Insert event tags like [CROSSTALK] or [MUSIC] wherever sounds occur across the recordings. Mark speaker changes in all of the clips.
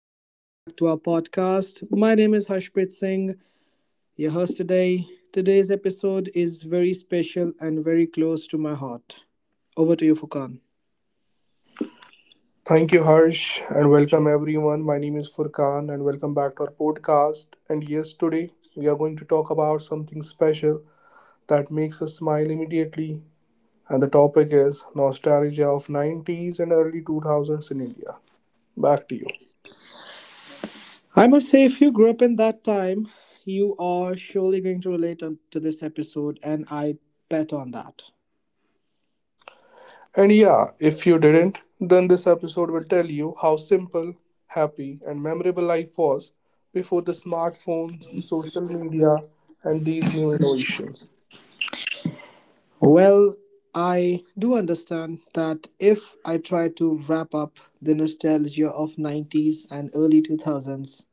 Speaker 1: Welcome back to our podcast. My name is Harshpreet Singh, your host today. Today's episode is very special and very close to my heart. Over to you, Fukan.
Speaker 2: Thank you, Harsh, and welcome everyone. My name is Furkan, and welcome back to our podcast. And yes, today we are going to talk about something special that makes us smile immediately. And the topic is nostalgia of 90s and early 2000s in India. Back to you.
Speaker 1: I must say, if you grew up in that time, you are surely going to relate to this episode, and I bet on that.
Speaker 2: And yeah, if you didn't, then this episode will tell you how simple, happy, and memorable life was before the smartphones, social media, and these new innovations.
Speaker 1: Well, I do understand that if I try to wrap up the nostalgia of 90s and early 2000s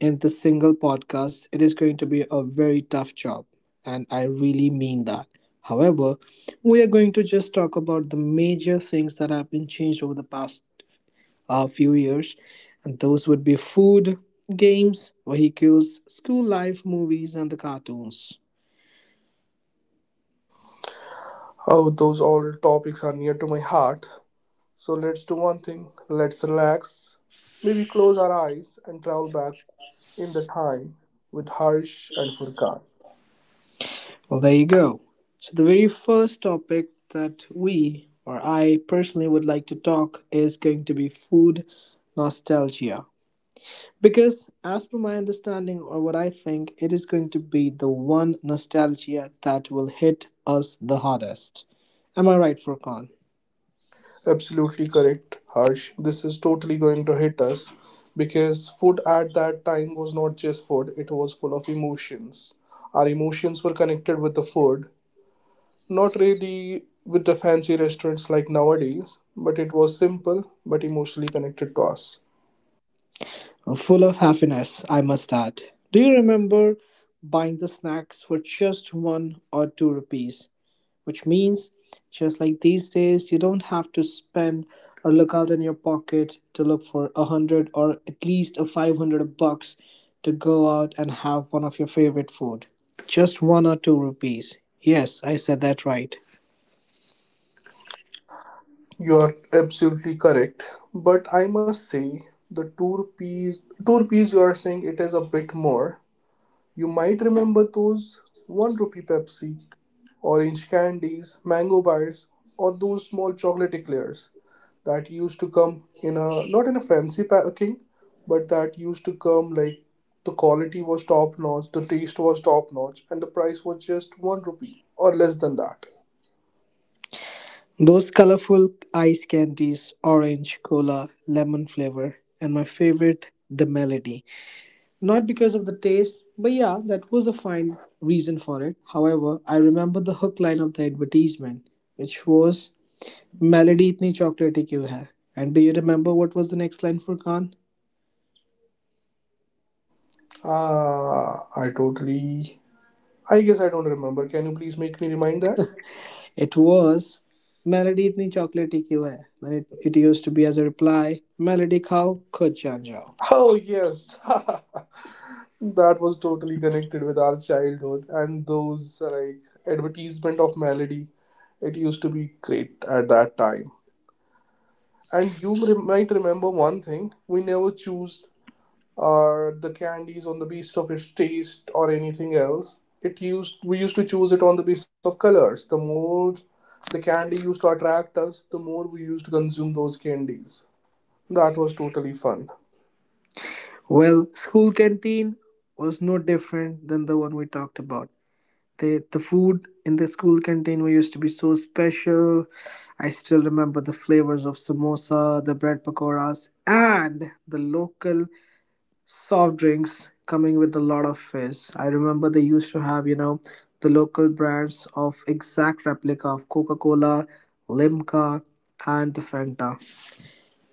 Speaker 1: in this single podcast, it is going to be a very tough job, and I really mean that. However, we are going to just talk about the major things that have been changed over the past few years, and those would be food, games, vehicles, school life, movies, and the cartoons.
Speaker 2: Oh, those all topics are near to my heart. So let's do one thing. Let's relax. Maybe close our eyes and travel back in the time with Harsh and Furkan.
Speaker 1: Well, there you go. So, the very first topic that we, or I personally, would like to talk is going to be food nostalgia. Because, as per my understanding or what I think, it is going to be the one nostalgia that will hit us the hardest. Am I right, Furkan?
Speaker 2: Absolutely correct, Harsh. This is totally going to hit us because food at that time was not just food, it was full of emotions. Our emotions were connected with the food, not really with the fancy restaurants like nowadays, but it was simple but emotionally connected to us.
Speaker 1: Full of happiness, I must add. Do you remember buying the snacks for just 1 or 2 rupees? Which means just like these days you don't have to spend or look out in your pocket to look for a hundred or at least a 500 bucks to go out and have one of your favorite food, just 1 or 2 rupees. Yes, I said that right.
Speaker 2: You are absolutely correct, but I must say the tour piece you are saying it is a bit more. You might remember those one rupee Pepsi, orange candies, mango bars, or those small chocolate eclairs that used to come in a not in a fancy packing, but that used to come like the quality was top notch, the taste was top notch, and the price was just one rupee or less than that.
Speaker 1: Those colorful ice candies, orange, cola, lemon flavor, and my favorite, the melody. Not because of the taste, but yeah, that was a fine reason for it. However, I remember the hook line of the advertisement, which was melody itni chocolatey kyun hai. And do you remember what was the next line, for Khan?
Speaker 2: Ah, I totally I guess I don't remember. Can you please make me remind that?
Speaker 1: It was melody itni chocolatey kyun hai, and it used to be as a reply, melody khao khud jaan jao.
Speaker 2: Oh, yes. [LAUGHS] That was totally connected with our childhood and those like advertisement of melody. It used to be great at that time. And you might remember one thing we never choose the candies on the basis of its taste or anything else. It used we used to choose it on the basis of colors. The more the candy used to attract us, the more we used to consume those candies. That was totally fun.
Speaker 1: Well, school canteen was no different than the one we talked about. The the food in the school canteen we used to be so special. I still remember the flavors of samosa, the bread pakoras, and the local soft drinks coming with a lot of fizz. I remember they used to have, the local brands of exact replica of Coca-Cola, Limca, and the Fanta.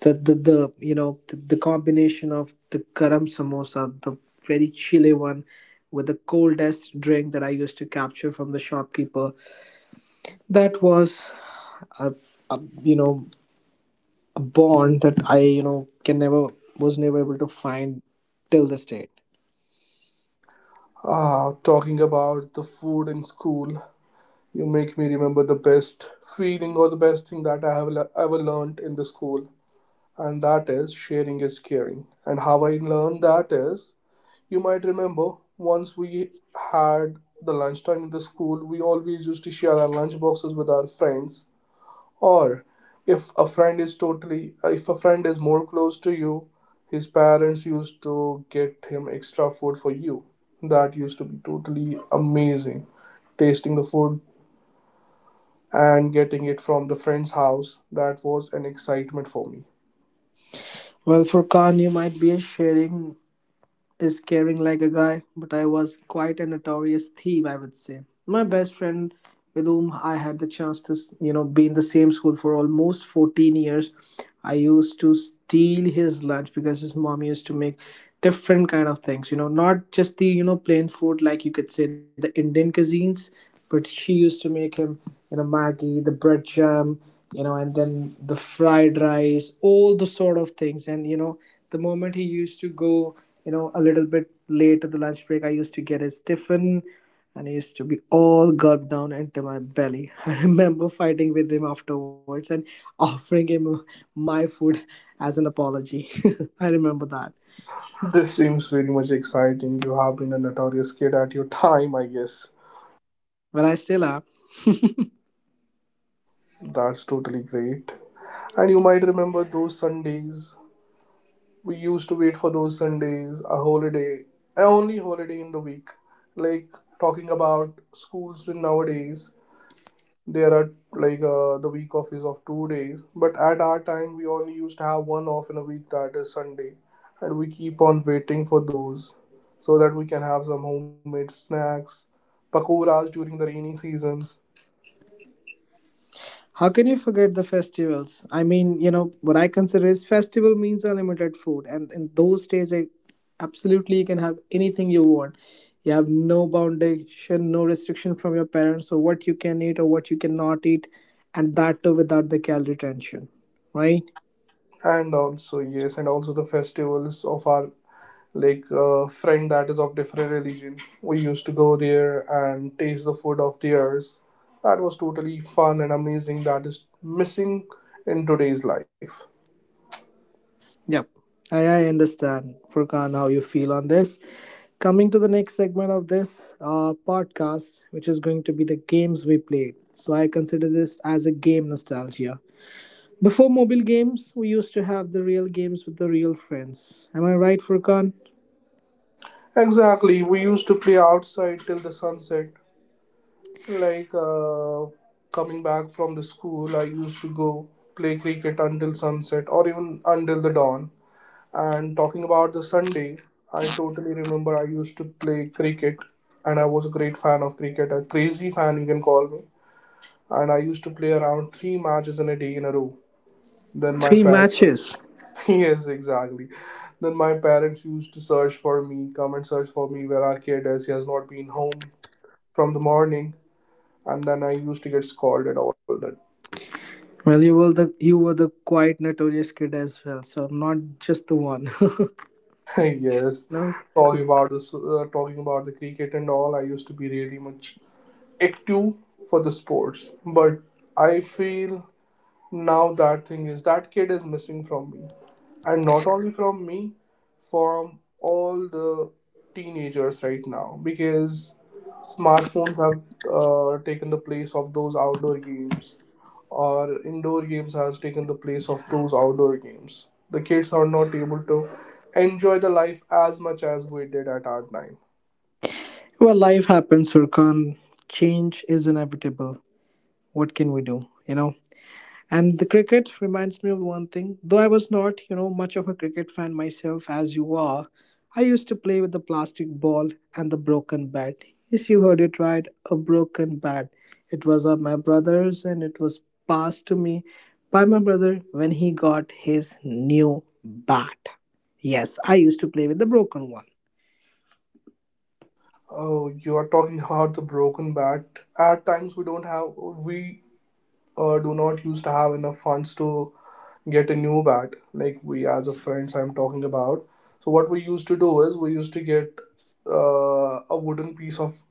Speaker 1: The combination of the karam samosa, the very chilly one, with the coldest drink that I used to capture from the shopkeeper. That was a, a you know a bond that I you know can never was never able to find till this date.
Speaker 2: Ah, talking about the food in school, you make me remember the best feeling or the best thing that I have ever learned in the school, and that is sharing is caring. And how I learned that is, you might remember once we had the lunchtime in the school, we always used to share our lunch boxes with our friends, or if a friend is totally if a friend is more close to you, his parents used to get him extra food for you. That used to be totally amazing, tasting the food and getting it from the friend's house. That was an excitement for me.
Speaker 1: Well, for Khan, you might be a sharing is caring like a guy, but I was quite a notorious thief, I would say. My best friend with whom I had the chance to be in the same school for almost 14 years. I used to steal his lunch because his mom used to make different kind of things, not just the plain food like you could say the Indian cuisines, but she used to make him, Maggi, the bread jam, and then the fried rice, all the sort of things. And the moment he used to go, a little bit late to the lunch break, I used to get his tiffin and he used to be all gulped down into my belly. [LAUGHS] I remember fighting with him afterwards and offering him my food as an apology. [LAUGHS] I remember that.
Speaker 2: This seems very much exciting. You have been a notorious kid at your [LAUGHS] time, I guess.
Speaker 1: Well, I still am.
Speaker 2: That's totally great. And you might remember those Sundays. We used to wait for those Sundays, a holiday, a only holiday in the week. Like talking about schools in nowadays, there are like the week off is of 2 days, but at our time we only used to have one off in a week, that is Sunday, and we keep on waiting for those so that we can have some homemade snacks, pakoras during the rainy seasons,
Speaker 1: How can you forget the festivals? I mean, what I consider is festival means unlimited food, and in those days, I absolutely you can have anything you want. You have no foundation, no restriction from your parents or what you can eat or what you cannot eat, and that too without the calorie tension, right?
Speaker 2: and also yes, and also the festivals of our like a friend that is of different religion. We used to go there and taste the food of theirs. That was totally fun and amazing. That is missing in today's life.
Speaker 1: Yep, I understand, Furkan, how you feel on this. Coming to the next segment of this podcast, which is going to be the games we played. So I consider this as a game nostalgia. Before mobile games, we used to have the real games with the real friends. Am I right, Furkan?
Speaker 2: Exactly. We used to play outside till the sunset. Like coming back from the school, I used to go play cricket until sunset or even until the dawn. And talking about the Sunday, I totally remember I used to play cricket, and I was a great fan of cricket, a crazy fan, you can call me. And I used to play around 3 matches in a day in a row. Then my
Speaker 1: Three
Speaker 2: parents,
Speaker 1: matches.
Speaker 2: [LAUGHS] yes, exactly. Then my parents used to search for me, come and search for me, where our kid is. He has not been home from the morning, and then I used to get scolded all that.
Speaker 1: Well, you were the quite notorious kid as well, so I'm not just the one.
Speaker 2: [LAUGHS] Yes,
Speaker 1: [LAUGHS] No.
Speaker 2: talking about this, talking about the cricket and all. I used to be really much active for the sports, but I feel now that thing is that kid is missing from me. And not only from me, from all the teenagers right now, because smartphones have taken the place of those outdoor games, or indoor games has taken the place of those outdoor games. The kids are not able to enjoy the life as much as we did at our time.
Speaker 1: Well, life happens, Furkan. Change is inevitable. What can we do? You know. And the cricket reminds me of one thing. Though I was not much of a cricket fan myself as you are, I used to play with the plastic ball and the broken bat. Yes, you heard it right, a broken bat. It was of my brother's and it was passed to me by my brother when he got his new bat. Yes, I used to play with the broken one.
Speaker 2: Oh, you are talking about the broken bat. At times we don't have we do not used to have enough funds to get a new bat, like we as a friends I'm talking about. So what we used to do is we used to get a wooden piece of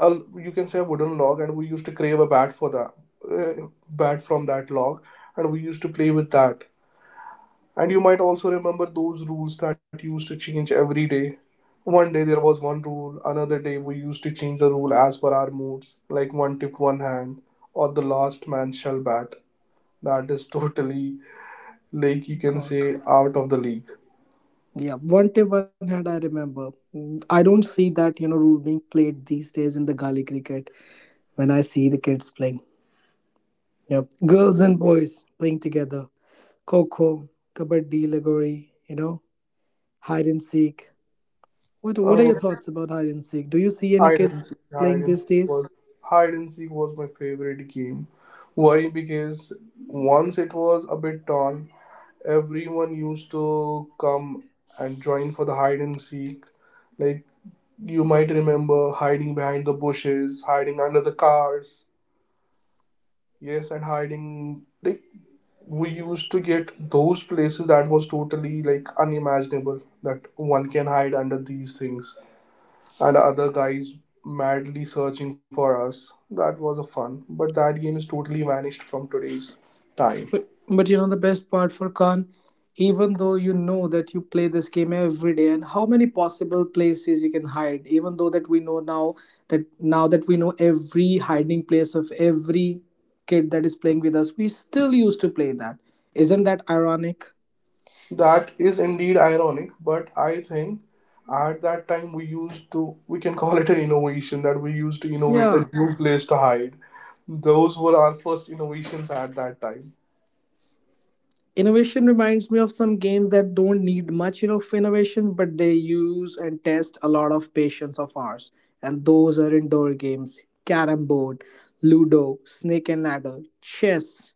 Speaker 2: a, you can say a wooden log, and we used to crave a bat for that bat from that log, and we used to play with that. And you might also remember those rules that used to change every day. One day there was one rule, another day we used to change the rule as per our moods, like one tip one hand or the last man shall bat. That is [LAUGHS] totally, like you can
Speaker 1: God.
Speaker 2: say, out of the league.
Speaker 1: Yeah, one tip one hand I remember. I don't see that rule being played these days in the gully cricket when I see the kids playing. Yep. Girls and boys playing together. Coco, kabaddi, legori, hide and seek. What are your
Speaker 2: Oh,
Speaker 1: thoughts about hide and seek? Do you see any
Speaker 2: hide and
Speaker 1: kids
Speaker 2: seek, hide
Speaker 1: playing
Speaker 2: and
Speaker 1: these
Speaker 2: seek was
Speaker 1: days?
Speaker 2: hide and seek was my favorite game. Why? Because once it was a bit torn, everyone used to come and join for the hide and seek. Like you might remember hiding behind the bushes, hiding under the cars. Yes, and hiding like we used to get those places that was totally like unimaginable that one can hide under these things, and other guys madly searching for us. That was a fun, but that game is totally vanished from today's time.
Speaker 1: But you know the best part, for Khan, even though you know that you play this game every day, and how many possible places you can hide. Even though that we know now that we know every hiding place of every kid that is playing with us, we still used to play that. Isn't that ironic?
Speaker 2: That is indeed ironic, but I think at that time we used to, we can call it an innovation, that we used to innovate a
Speaker 1: Yeah.
Speaker 2: new place to hide. Those were our first innovations at that time.
Speaker 1: Innovation reminds me of some games that don't need much of innovation, but they use and test a lot of patience of ours. And those are indoor games, carrom board, ludo, snake and ladder, chess.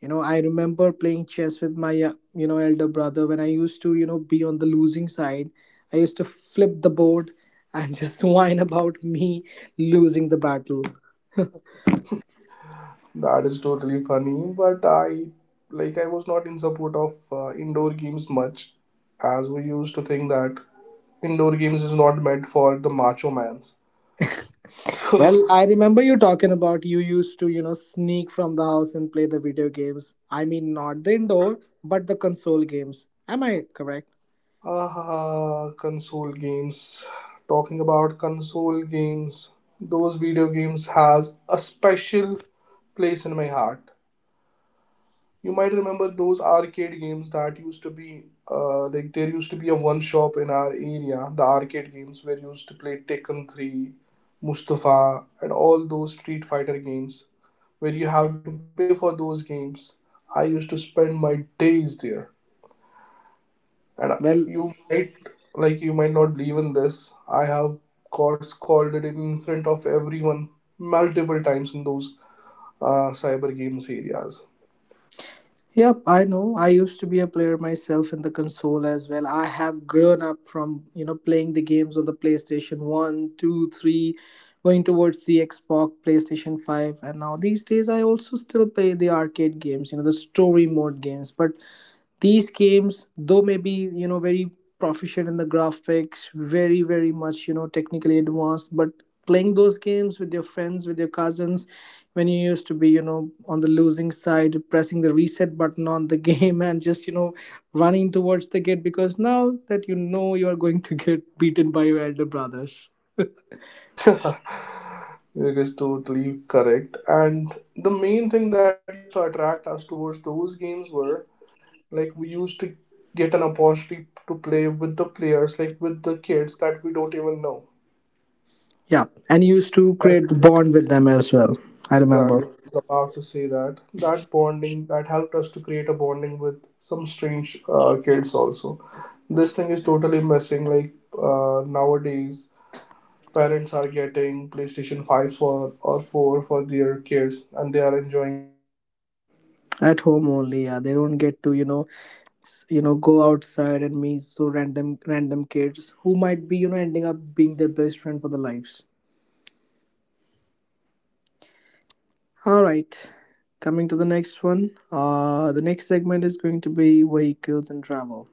Speaker 1: I remember playing chess with my elder brother when I used to be on the losing side. I used to flip the board and [LAUGHS] just whine about me losing the battle.
Speaker 2: That is totally funny, but I like I was not in support of indoor games much, as we used to think that indoor games is not meant for the macho man. So,
Speaker 1: Well, I remember you talking about you used to sneak from the house and play the video games. I mean, not the indoor, but the console games. Am I correct?
Speaker 2: [LAUGHS] ah, console games. Talking about console games, those video games has a special place in my heart. You might remember those arcade games that used to be, like there used to be a one shop in our area. The arcade games where used to play Tekken 3, Mustafa, and all those Street Fighter games, where you have to pay for those games. I used to spend my days there. And
Speaker 1: Well,
Speaker 2: you might, like, you might not believe in this. I have got scolded in front of everyone multiple times in those cyber games areas.
Speaker 1: yep, I know. I used to be a player myself in the console as well. I have grown up from playing the games on the PlayStation 1, 2, 3, going towards the Xbox, PlayStation 5, and now these days I also still play the arcade games, the story mode games. But these games, though maybe very proficient in the graphics, very, very much, technically advanced, but playing those games with your friends, with your cousins, when you used to be on the losing side pressing the reset button on the [LAUGHS] game and just running towards the gate because now that you know you are going to get beaten by your elder brothers.
Speaker 2: [LAUGHS] It is totally correct. And the main thing that used to attract us towards those games were like we used to get an opportunity to play with the players, like with the kids that we don't even know.
Speaker 1: Yeah, and you used to create the bond with them as well. I remember
Speaker 2: Exactly. I was about to say that. That bonding that helped us to create a bonding with some strange kids also. This thing is totally missing. Like nowadays, parents
Speaker 1: at home only, yeah, they don't get to go outside and meet so random kids who might be ending up being their best friend for the lives. All right, coming to the next one. The next segment is going to be vehicles and travel.